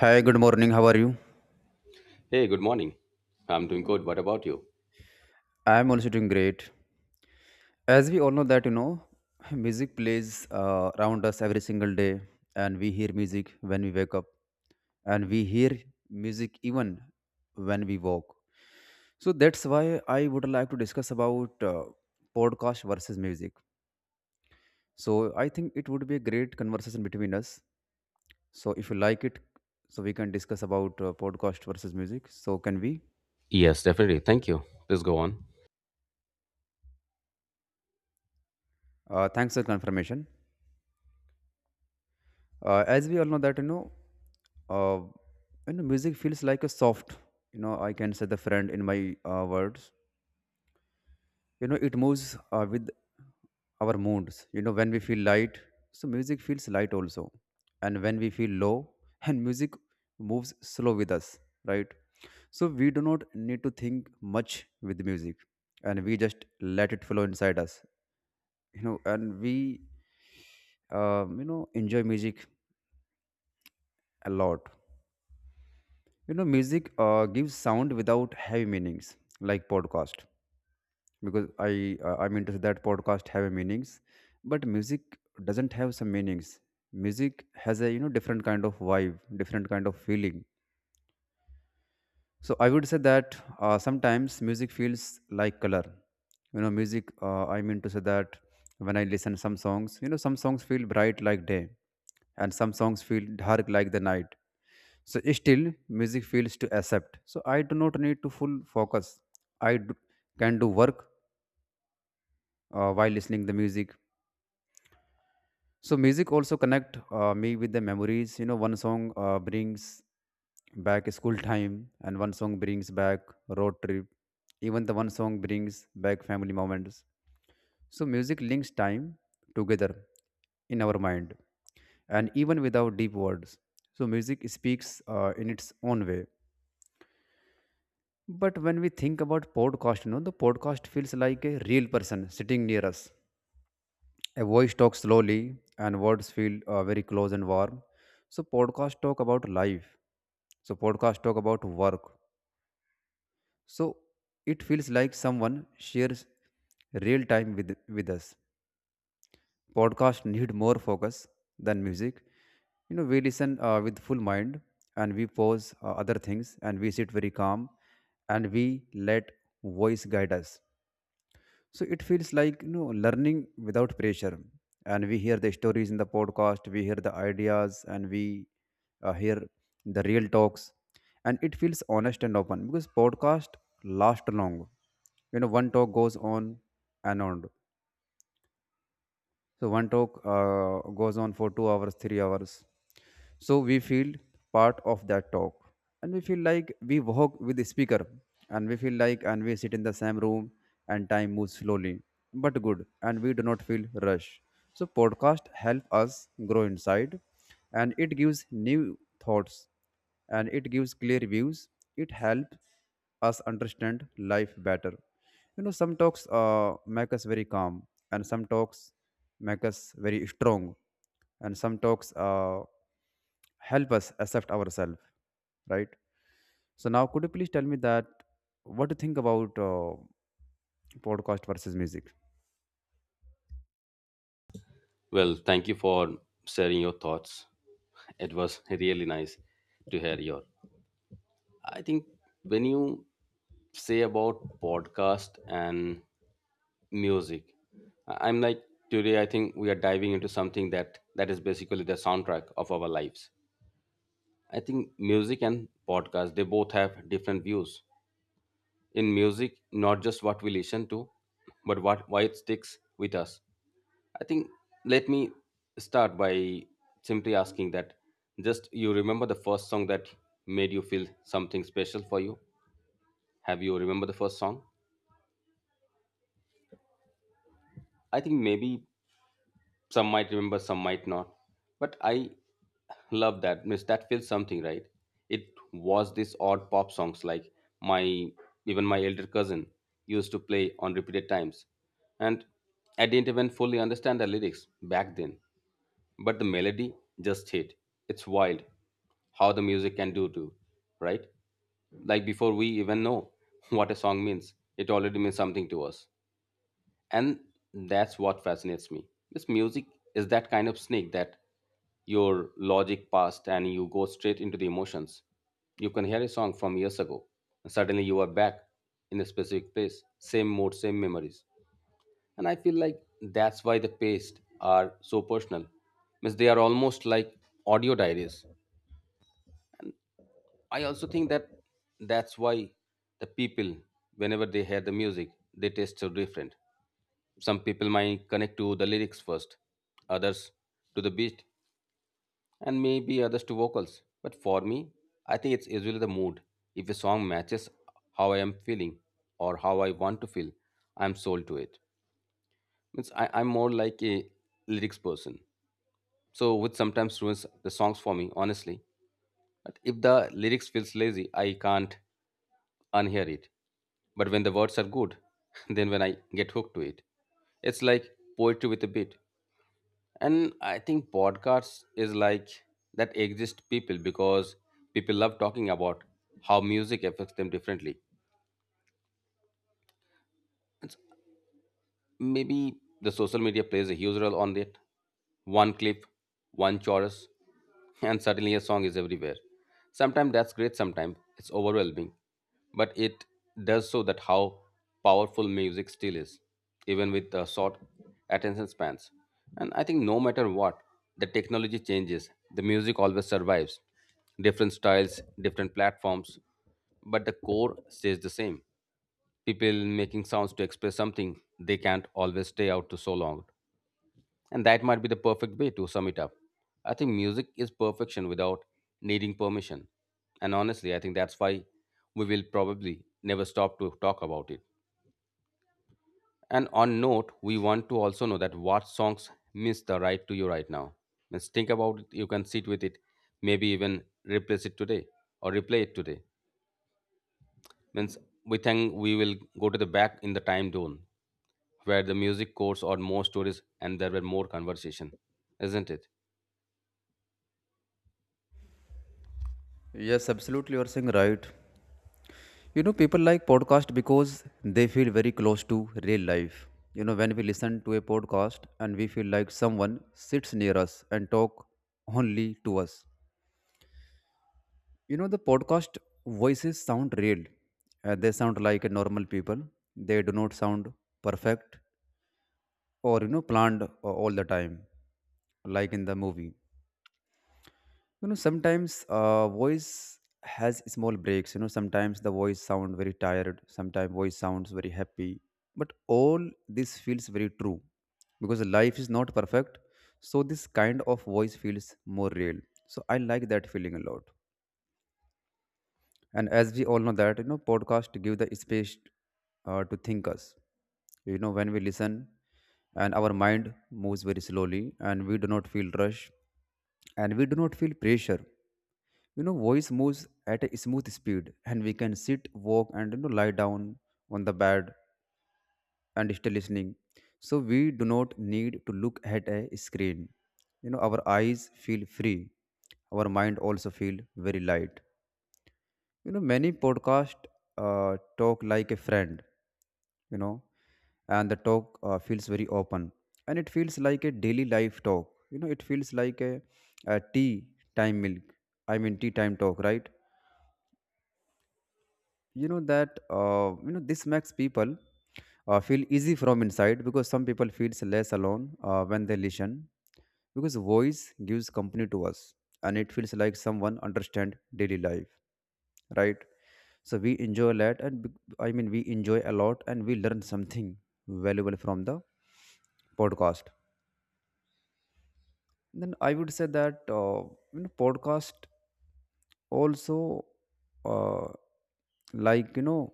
Hi, good morning. How are you? Hey, good morning. I'm doing good. What about you? I'm also doing great. As we all know that music plays around us every single day, and we hear music when we wake up, and we hear music even when we walk. So that's why I would like to discuss about podcast versus music. So I think it would be a great conversation between us. So if you like it, so we can discuss about podcast versus music. So can we? Yes, definitely. Thank you. Please go on. Thanks for confirmation. As we all know that uh, you know music feels like a soft, I can say, the friend in my words. It moves with our moods. When we feel light, so music feels light also, and when we feel low and music moves slow with us, right? So we do not need to think much with music, and we just let it flow inside us. And we enjoy music a lot. You know, music gives sound without heavy meanings, like podcast. Because I'm into that podcast heavy meanings, but music doesn't have some meanings. Music has a, you know, different kind of vibe, different kind of feeling. So I would say that sometimes music feels like color. You know, music. I mean to say that when I listen some songs, you know, some songs feel bright like day, and some songs feel dark like the night. So still, music feels to accept. So I do not need to full focus. I do, can do work while listening the music. So music also connect me with the memories. You know, one song brings back school time, and one song brings back road trip. Even the one song brings back family moments. So music links time together in our mind, and even without deep words. So music speaks in its own way. But when we think about podcast, you know, the podcast feels like a real person sitting near us. A voice talks slowly, and words feel very close and warm. So podcast talk about life. So podcast talk about work. So it feels like someone shares real time with us. Podcast need more focus than music. You know, we listen with full mind, and we pause other things, and we sit very calm, and we let voice guide us. So it feels like, you know, learning without pressure, and we hear the stories in the podcast, we hear the ideas, and we hear the real talks, and it feels honest and open because podcast last long. You know, one talk goes on and on, so one talk goes on for 2 hours, 3 hours. So we feel part of that talk, and we feel like we walk with the speaker, and we sit in the same room, and time moves slowly but good, and we do not feel rush. So podcast help us grow inside, and it gives new thoughts, and it gives clear views. It helps us understand life better. You know, some talks make us very calm, and some talks make us very strong, and some talks help us accept ourselves, right? So now, could you please tell me that what do you think about podcast versus music? Well, thank you for sharing your thoughts. It was really nice to hear your. I think when you say about podcast and music, I'm like today I think we are diving into something that is basically the soundtrack of our lives. I think music and podcast they both have different views. In music, not just what we listen to, but what why it sticks with us. I think let me start by simply asking that just you remember the first song that made you feel something special for you? Have you remember the first song? I think maybe some might remember, some might not. But I love that. Miss that feels something, right? It was this odd pop songs like my even my elder cousin used to play on repeated times. And I didn't even fully understand the lyrics back then, but the melody just hit. It's wild how the music can do too, right? Like before we even know what a song means, it already means something to us. And that's what fascinates me. This music is that kind of snake that your logic passed and you go straight into the emotions. You can hear a song from years ago, and suddenly you are back in a specific place, same mood, same memories. And I feel like that's why the paste are so personal, means they are almost like audio diaries. I also think that that's why the people, whenever they hear the music, they taste so different. Some people might connect to the lyrics first, others to the beat, and maybe others to vocals. But for me, I think it's usually the mood. If a song matches how I am feeling or how I want to feel, I'm sold to it. Means I'm more like a lyrics person, so which sometimes ruins the songs for me honestly. But if the lyrics feels lazy I can't unhear it. But when the words are good, then when I get hooked to it, it's like poetry with a beat. And I think podcasts is like that exist people because people love talking about how music affects them differently. It's maybe the social media plays a huge role on it. One clip, one chorus, and suddenly a song is everywhere. Sometimes that's great, sometimes it's overwhelming, but it does so that how powerful music still is, even with short attention spans. And I think no matter what, the technology changes, the music always survives. Different styles, different platforms, but the core stays the same. People making sounds to express something they can't always stay out to so long. And that might be the perfect way to sum it up. I think music is perfection without needing permission. And honestly, I think that's why we will probably never stop to talk about it. And on note, we want to also know that what songs miss the right to you right now. Let's think about it. You can sit with it, maybe even replace it today or replay it today. Means we think we will go to the back in the time zone where the music course or more stories and there were more conversation, isn't it? Yes, absolutely, you are saying right. You know, people like podcast because they feel very close to real life. You know, when we listen to a podcast and we feel like someone sits near us and talk only to us. You know, the podcast voices sound real. They sound like a normal people. They do not sound perfect or, you know, planned all the time, like in the movie. You know, sometimes voice has small breaks. You know, sometimes the voice sound very tired, sometimes voice sounds very happy, but all this feels very true because life is not perfect. So this kind of voice feels more real. So I like that feeling a lot. And as we all know that, you know, podcast give the space to think us. You know, when we listen and our mind moves very slowly and we do not feel rush and we do not feel pressure. You know, voice moves at a smooth speed and we can sit, walk, and, you know, lie down on the bed and still listening. So we do not need to look at a screen. You know, our eyes feel free, our mind also feel very light. You know, many podcast talk like a friend, you know, and the talk feels very open, and it feels like a daily life talk. You know, it feels like a tea time milk, I mean tea time talk, right? You know that this makes people feel easy from inside, because some people feels less alone when they listen, because voice gives company to us and it feels like someone understand daily life, right? So we enjoy a lot and I mean we enjoy a lot and we learn something valuable from the podcast. Then I would say that podcast also, uh, like, you know,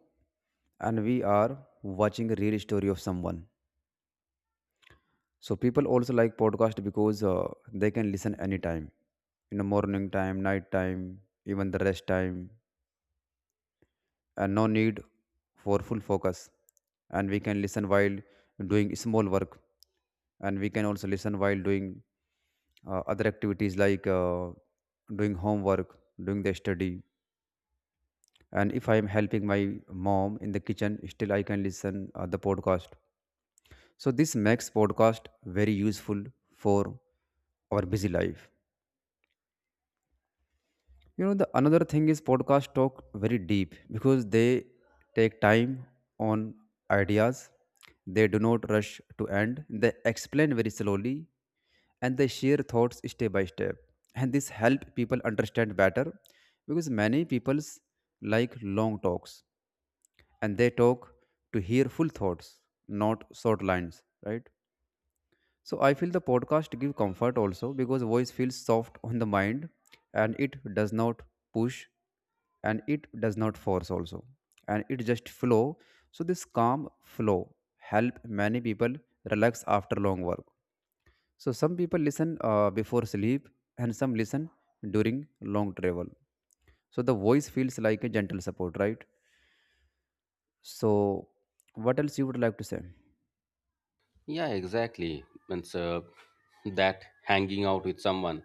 and we are watching a real story of someone. So people also like podcast because they can listen anytime, in the morning time, night time, even the rest time, and no need for full focus, and we can listen while doing small work, and we can also listen while doing other activities, like doing homework, doing the study, and if I am helping my mom in the kitchen, still I can listen the podcast. So this makes podcast very useful for our busy life. You know, the another thing is podcast talk very deep because they take time on ideas. They do not rush to end, they explain very slowly, and they share thoughts step by step, and this help people understand better, because many people's like long talks and they talk to hear full thoughts, not short lines, right? So I feel the podcast give comfort also because voice feels soft on the mind and it does not push and it does not force also, and it just flow. So this calm flow help many people relax after long work. So some people listen before sleep and some listen during long travel. So the voice feels like a gentle support, right? So what else you would like to say? Yeah, exactly. And so that hanging out with someone,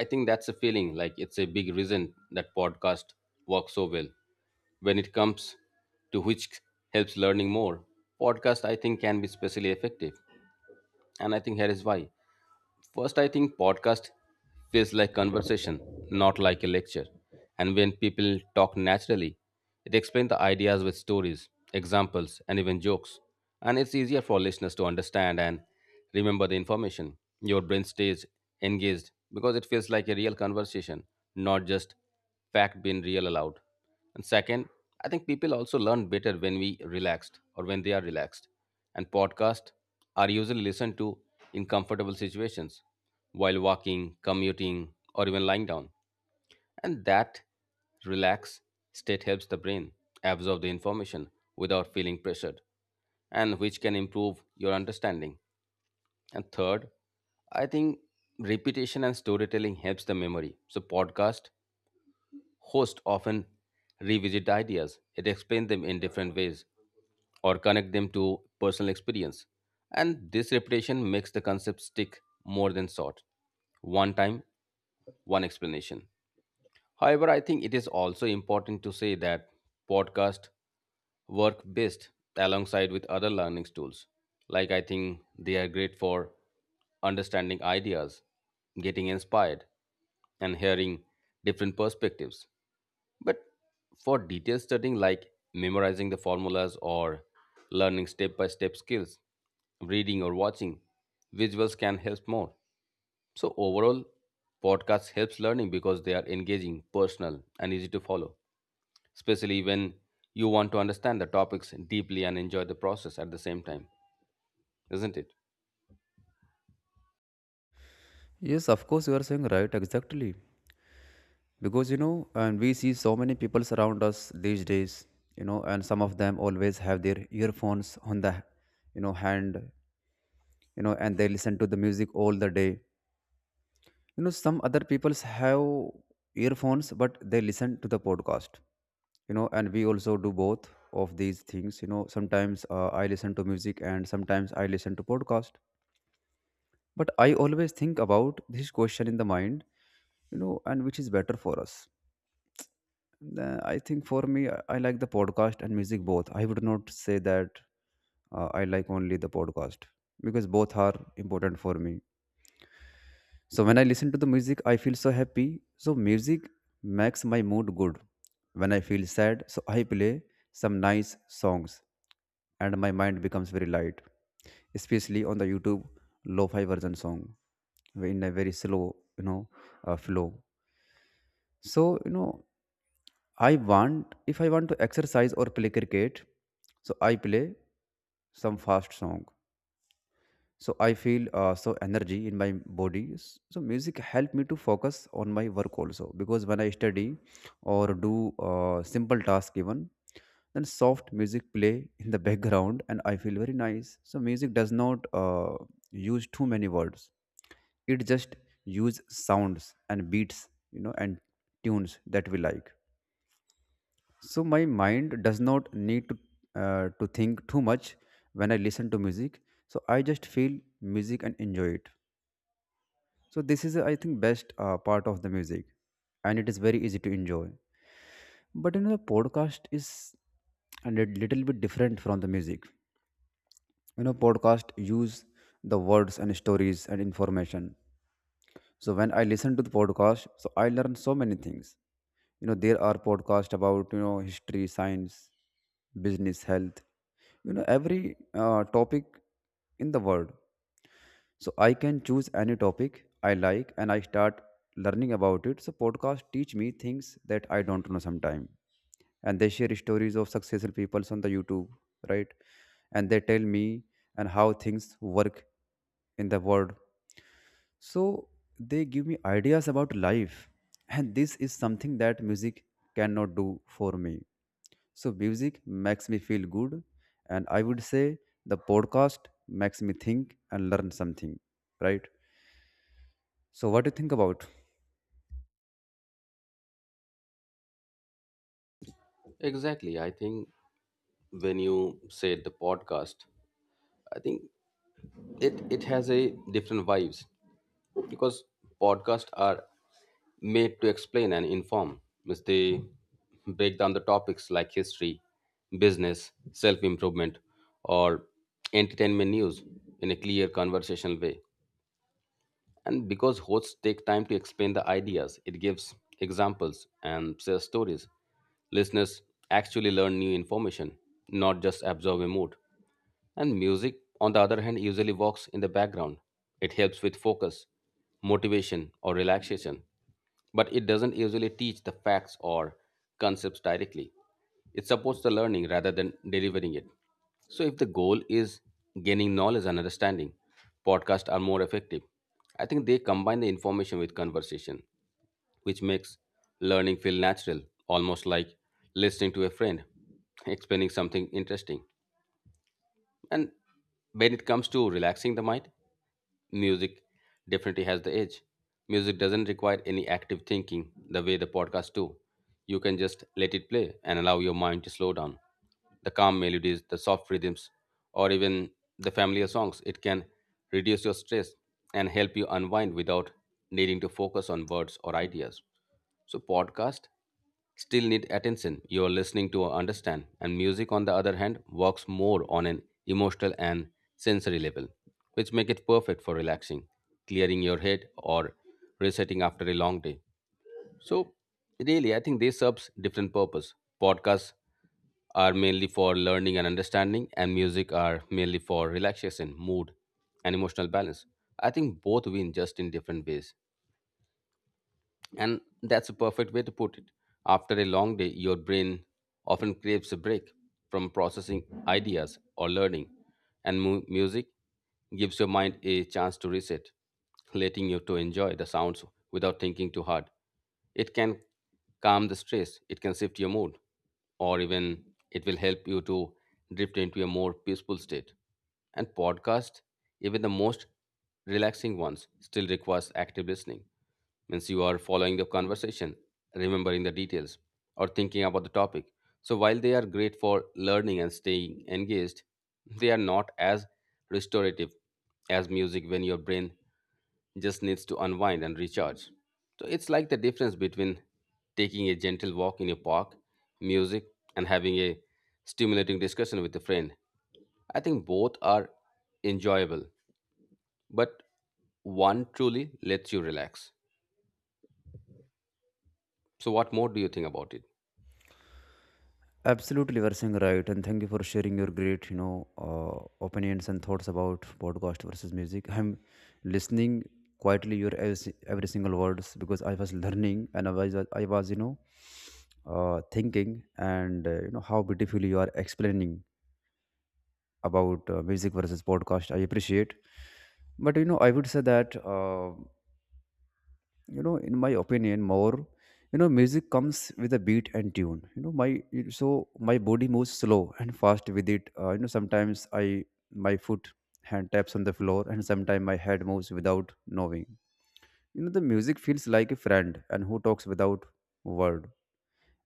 I think that's a feeling like it's a big reason that podcast works so well. When it comes to which helps learning more, podcast I think can be especially effective, and I think here is why. First, I think podcast feels like conversation, not like a lecture. And when people talk naturally, it explains the ideas with stories, examples, and even jokes. And it's easier for listeners to understand and remember the information. Your brain stays engaged because it feels like a real conversation, not just fact being real aloud. And second, I think people also learn better when we relaxed or when they are relaxed. And podcasts are usually listened to in comfortable situations while walking, commuting, or even lying down. And that relaxed state helps the brain absorb the information without feeling pressured and which can improve your understanding. And third, I think repetition and storytelling helps the memory. So podcast hosts often revisit the ideas, it explains them in different ways, or connect them to personal experience. And this repetition makes the concept stick more than short. One time, one explanation. However, I think it is also important to say that podcast work best alongside with other learning tools. Like I think they are great for understanding ideas, getting inspired, and hearing different perspectives. But for detailed studying like memorizing the formulas or learning step by step skills, reading or watching, visuals can help more. So overall, podcasts helps learning because they are engaging, personal and easy to follow, especially when you want to understand the topics deeply and enjoy the process at the same time, isn't it? Yes, of course, you are saying right, exactly. Because, you know, and we see so many people around us these days, you know, and some of them always have their earphones on the, you know, hand, you know, and they listen to the music all the day. You know, some other people have earphones, but they listen to the podcast, you know, and we also do both of these things. You know, sometimes I listen to music and sometimes I listen to podcast. But I always think about this question in the mind, you know, and which is better for us? The- I think for me, I like the podcast and music both. I would not say that I like only the podcast because both are important for me. So when I listen to the music, I feel so happy. So music makes my mood good. When I feel sad, so I play some nice songs and my mind becomes very light, especially on the YouTube lo-fi version song in a very slow, you know, flow. So, you know, if I want to exercise or play cricket, so I play some fast song. So I feel so energy in my body. So music help me to focus on my work also because when I study or do simple task even, then soft music play in the background and I feel very nice. So music does not use too many words. It just use sounds and beats, you know, and tunes that we like, so my mind does not need to think too much when I listen to music. So I just feel music and enjoy it. So this is, I think, best part of the music, and it is very easy to enjoy. But you know the podcast is a little bit different from the music. You know, podcast use the words and stories and information. So when I listen to the podcast, so I learn so many things. You know, there are podcasts about, you know, history, science, business, health. You know, every topic in the world. So I can choose any topic I like, and I start learning about it. So podcasts teach me things that I don't know sometime, and they share stories of successful people on the YouTube, right? And they tell me and how things work in the world, so they give me ideas about life, and this is something that music cannot do for me. So music makes me feel good, and I would say the podcast makes me think and learn something, right? So what do you think about? Exactly. I think when you say the podcast, I think it has a different vibes because podcasts are made to explain and inform. Means they break down the topics like history, business, self improvement, or entertainment news in a clear conversational way. And because hosts take time to explain the ideas, it gives examples and shares stories. Listeners actually learn new information, not just absorb a mood. And music, on the other hand, usually walks in the background. It helps with focus, motivation, or relaxation, but it doesn't usually teach the facts or concepts directly. It supports the learning rather than delivering it. So, if the goal is gaining knowledge and understanding, podcasts are more effective. I think they combine the information with conversation, which makes learning feel natural, almost like listening to a friend explaining something interesting. And when it comes to relaxing the mind, music definitely has the edge. Music doesn't require any active thinking the way the podcast do. You can just let it play and allow your mind to slow down. The calm melodies, the soft rhythms, or even the familiar songs, it can reduce your stress and help you unwind without needing to focus on words or ideas. So podcast still need attention, you are listening to understand, and music on the other hand works more on an emotional and sensory level, which make it perfect for relaxing, clearing your head, or resetting after a long day. So really I think this serves different purpose. Podcasts are mainly for learning and understanding, and music are mainly for relaxation, mood, and emotional balance. I think both win, just in different ways, and that's a perfect way to put it. After a long day, your brain often craves a break from processing ideas or learning, and music gives your mind a chance to reset, letting you to enjoy the sounds without thinking too hard. It can calm the stress, it can shift your mood, or even it will help you to drift into a more peaceful state. And podcast, even the most relaxing ones, still requires active listening. Means you are following the conversation, remembering the details, or thinking about the topic. So while they are great for learning and staying engaged, they are not as restorative as music when your brain just needs to unwind and recharge. So it's like the difference between taking a gentle walk in a park, music, and having a stimulating discussion with a friend. I think both are enjoyable, but one truly lets you relax. So, what more do you think about it? Absolutely, you saying right, and thank you for sharing your great, opinions and thoughts about podcast versus music. I'm listening quietly your every single words because I was learning and I was thinking and how beautifully you are explaining about music versus podcast. I appreciate, but you know I would say that you know in my opinion. More, you know, music comes with a beat and tune. You know my so my body moves slow and fast with it. You know, sometimes I my foot, hand taps on the floor, and sometimes my head moves without knowing. You know, the music feels like a friend and who talks without word.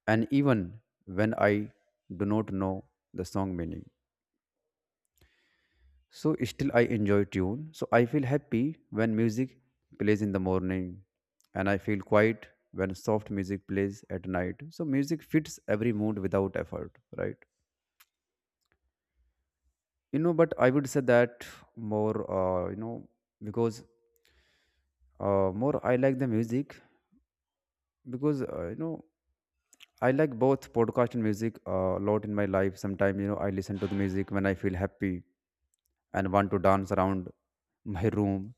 And even when I do not know the song meaning. So still I enjoy tune. So I feel happy when music plays in the morning, and I feel quiet when soft music plays at night. So music fits every mood without effort, right? You know, but I would say that more, you know because more I like the music because, you know, I like both podcast and music a lot in my life. Sometimes, you know, I listen to the music when I feel happy and want to dance around my room.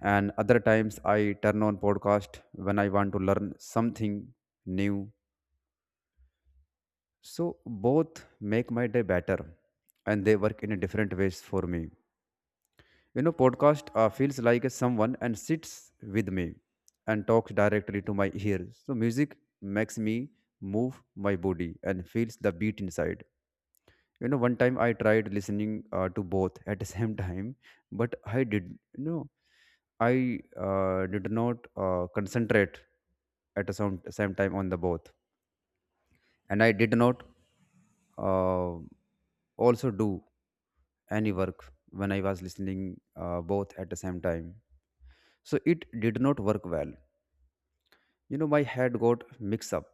And other times, I turn on podcast when I want to learn something new. So both make my day better, and they work in a different ways for me. You know, podcast feels like a someone and sits with me and talks directly to my ears. So music makes me move my body and feels the beat inside. You know, one time I tried listening to both at the same time, but I did, you know, I did not concentrate at the same time on the both, and I did not, uh, also do any work when I was listening both at the same time. So it did not work well. You know, my head got mixed up,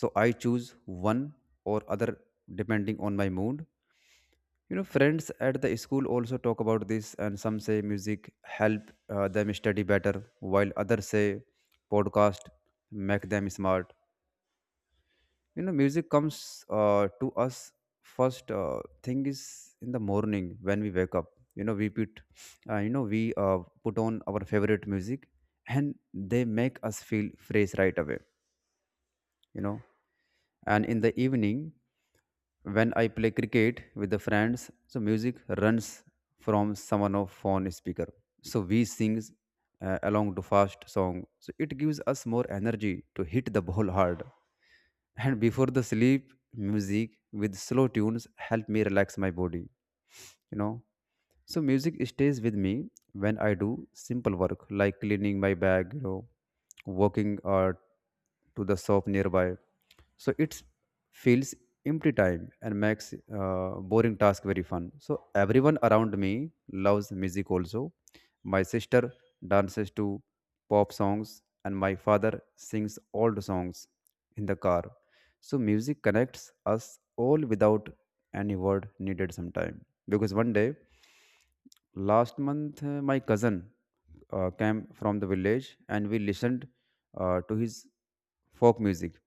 so I choose one or other depending on my mood. You know, friends at the school also talk about this, and some say music help them study better, while others say podcast make them smart. You know, music comes to us first thing is in the morning when we wake up. You know, we put, you know, we put on our favorite music, and they make us feel fresh right away. You know, and in the evening, when I play cricket with the friends, so music runs from someone of phone speaker. So we sing along to fast song. So it gives us more energy to hit the ball hard. And before the sleep, music with slow tunes help me relax my body. You know, so music stays with me when I do simple work like cleaning my bag, you know, walking or to the shop nearby. So it feels empty time and makes boring task very fun. So everyone around me loves music also. My sister dances to pop songs and my father sings old songs in the car. So music connects us all without any word needed sometime. Because one day, last month, my cousin came from the village and we listened to his folk music.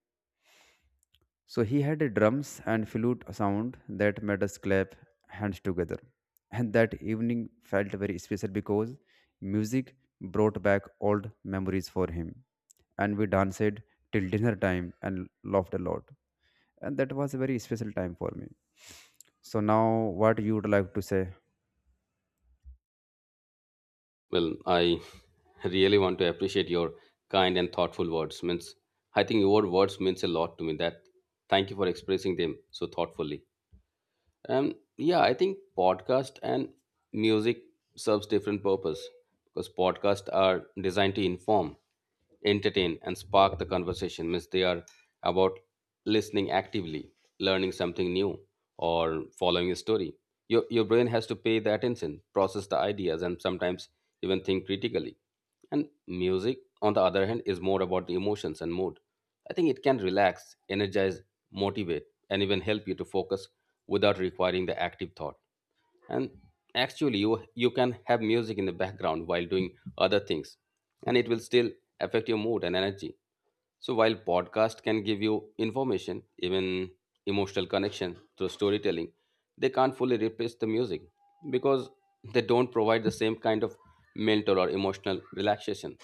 So he had a drums and flute sound that made us clap hands together. And that evening felt very special because music brought back old memories for him. And we danced till dinner time and laughed a lot. And that was a very special time for me. So now what you would like to say? Well, I really want to appreciate your kind and thoughtful words. Means, I think your words means a lot to me. That thank you for expressing them so thoughtfully. Yeah, I think podcast and music serves different purpose because podcasts are designed to inform, entertain, and spark the conversation. Means they are about listening actively, learning something new, or following a story. Your brain has to pay the attention, process the ideas, and sometimes even think critically. And music, on the other hand, is more about the emotions and mood. I think it can relax, energize, motivate, and even help you to focus without requiring the active thought. And actually you can have music in the background while doing other things, and it will still affect your mood and energy. So while podcast can give you information, even emotional connection through storytelling, they can't fully replace the music because they don't provide the same kind of mental or emotional relaxation.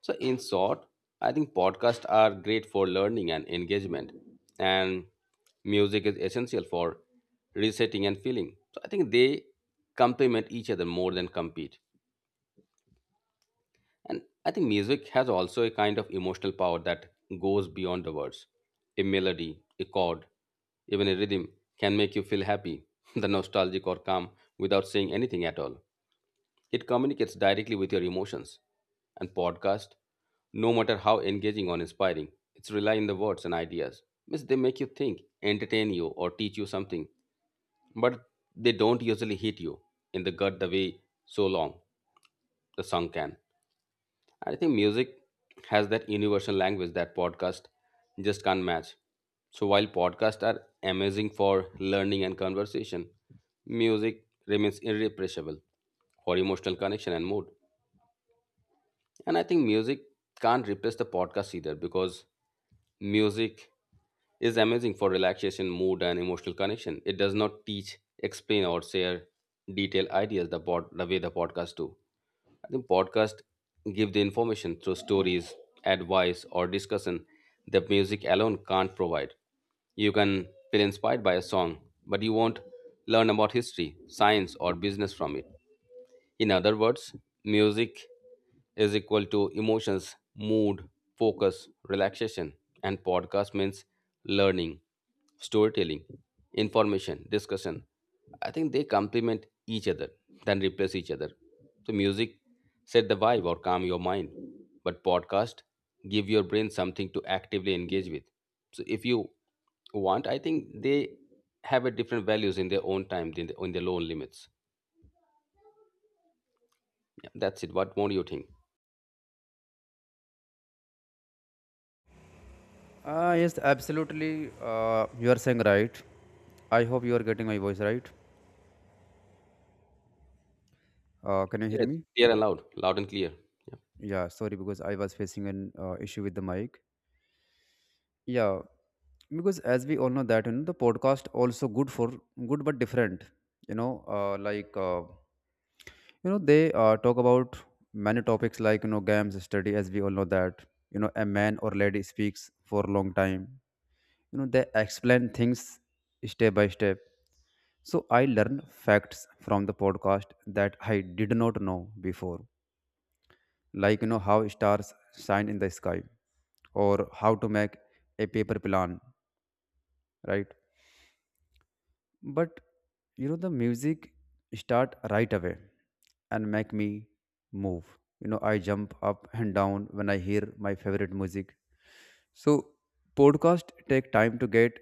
So, in short, I think podcasts are great for learning and engagement, and music is essential for resetting and feeling. So, I think they complement each other more than compete. And I think music has also a kind of emotional power that goes beyond the words. A melody, a chord, even a rhythm can make you feel happy, the nostalgic or calm without saying anything at all. It communicates directly with your emotions. And podcast, no matter how engaging or inspiring, it's rely on the words and ideas. Means they make you think, entertain you, or teach you something, but they don't usually hit you in the gut the way so long the song can. I think music has that universal language that podcast just can't match. So while podcasts are amazing for learning and conversation, music remains irrepressible for emotional connection and mood. And I think music can't replace the podcast either because music is amazing for relaxation, mood, and emotional connection. It does not teach, explain, or share detailed ideas the way the podcast do. I think podcast give the information through stories, advice, or discussion that music alone can't provide. You can feel inspired by a song, but you won't learn about history, science, or business from it. In other words, music is equal to emotions, mood, focus, relaxation, and podcast means learning, storytelling, information, discussion. I think they complement each other, then replace each other. So music set the vibe or calm your mind, but podcast give your brain something to actively engage with. So if you want, I think they have a different values in their own time, in their own limits. Yeah, that's it. What more you think? Yes, absolutely. You are saying right. I hope you are getting my voice right. Can you Yeah, hear it's me? clear and loud, loud and clear. Yeah. Yeah, sorry because I was facing an issue with the mic. Yeah, because as we all know that, you know, the podcast also good for good but different. You know, you know they talk about many topics like, you know, games, study. As we all know that, you know, a man or lady speaks for a long time. You know, they explain things step by step. So I learn facts from the podcast that I did not know before, like, you know, how stars shine in the sky or how to make a paper plan, right? But you know, the music start right away and make me move. You know, I jump up and down when I hear my favorite music. So podcast take time to get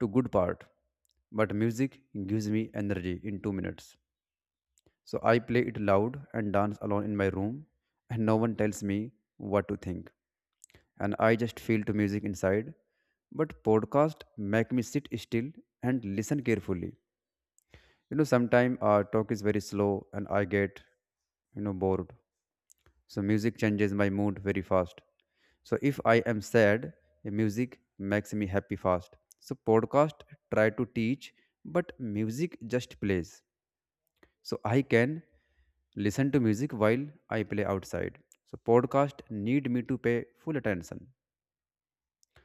to good part, but music gives me energy in 2 minutes. So I play it loud and dance alone in my room and no one tells me what to think, and I just feel to music inside. But podcast make me sit still and listen carefully. You know, sometimes our talk is very slow and I get, you know, bored. So music changes my mood very fast. So if I am sad, the music makes me happy fast. So podcast try to teach, but music just plays. So I can listen to music while I play outside. So podcast need me to pay full attention.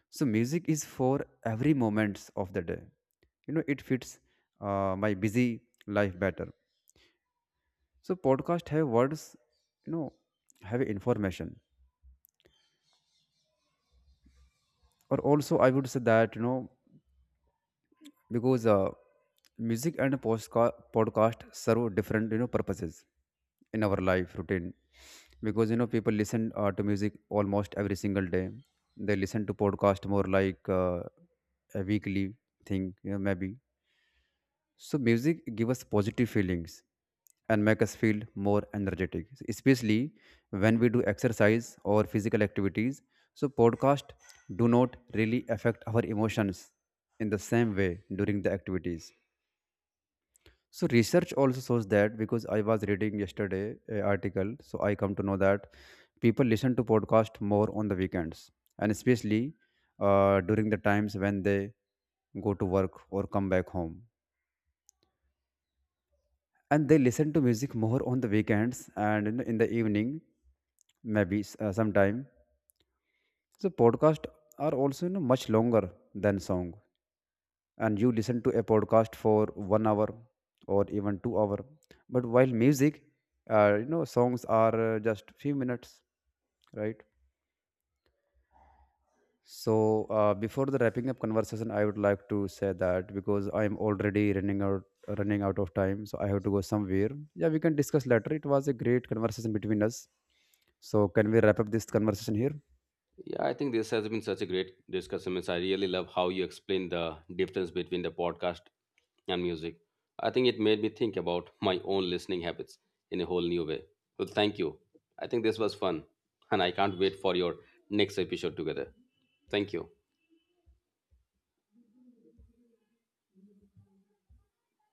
So music is for every moments of the day. You know, it fits my busy life better. So podcast have words, you know, have information. Or also I would say that, you know, because music and podcast serve different, you know, purposes in our life routine. Because, you know, people listen to music almost every single day. They listen to podcast more like a weekly thing, you know, maybe. So music give us positive feelings and make us feel more energetic, especially when we do exercise or physical activities. So podcast do not really affect our emotions in the same way during the activities. So research also shows that, because I was reading yesterday an article, so I come to know that people listen to podcast more on the weekends and especially during the times when they go to work or come back home, and they listen to music more on the weekends and, you know, in the evening maybe sometime. So podcast are also, you know, much longer than song, and you listen to a podcast for 1 hour or even 2 hour, but while music, you know, songs are just few minutes, right? So, before the wrapping up conversation, I would like to say that, because I'm already running out of time, so I have to go somewhere. Yeah, we can discuss later. It was a great conversation between us. So, can we wrap up this conversation here? Yeah, I think this has been such a great discussion. Means I really love how you explain the difference between the podcast and music. I think it made me think about my own listening habits in a whole new way. Well, thank you. I think this was fun, and I can't wait for your next episode together. Thank you.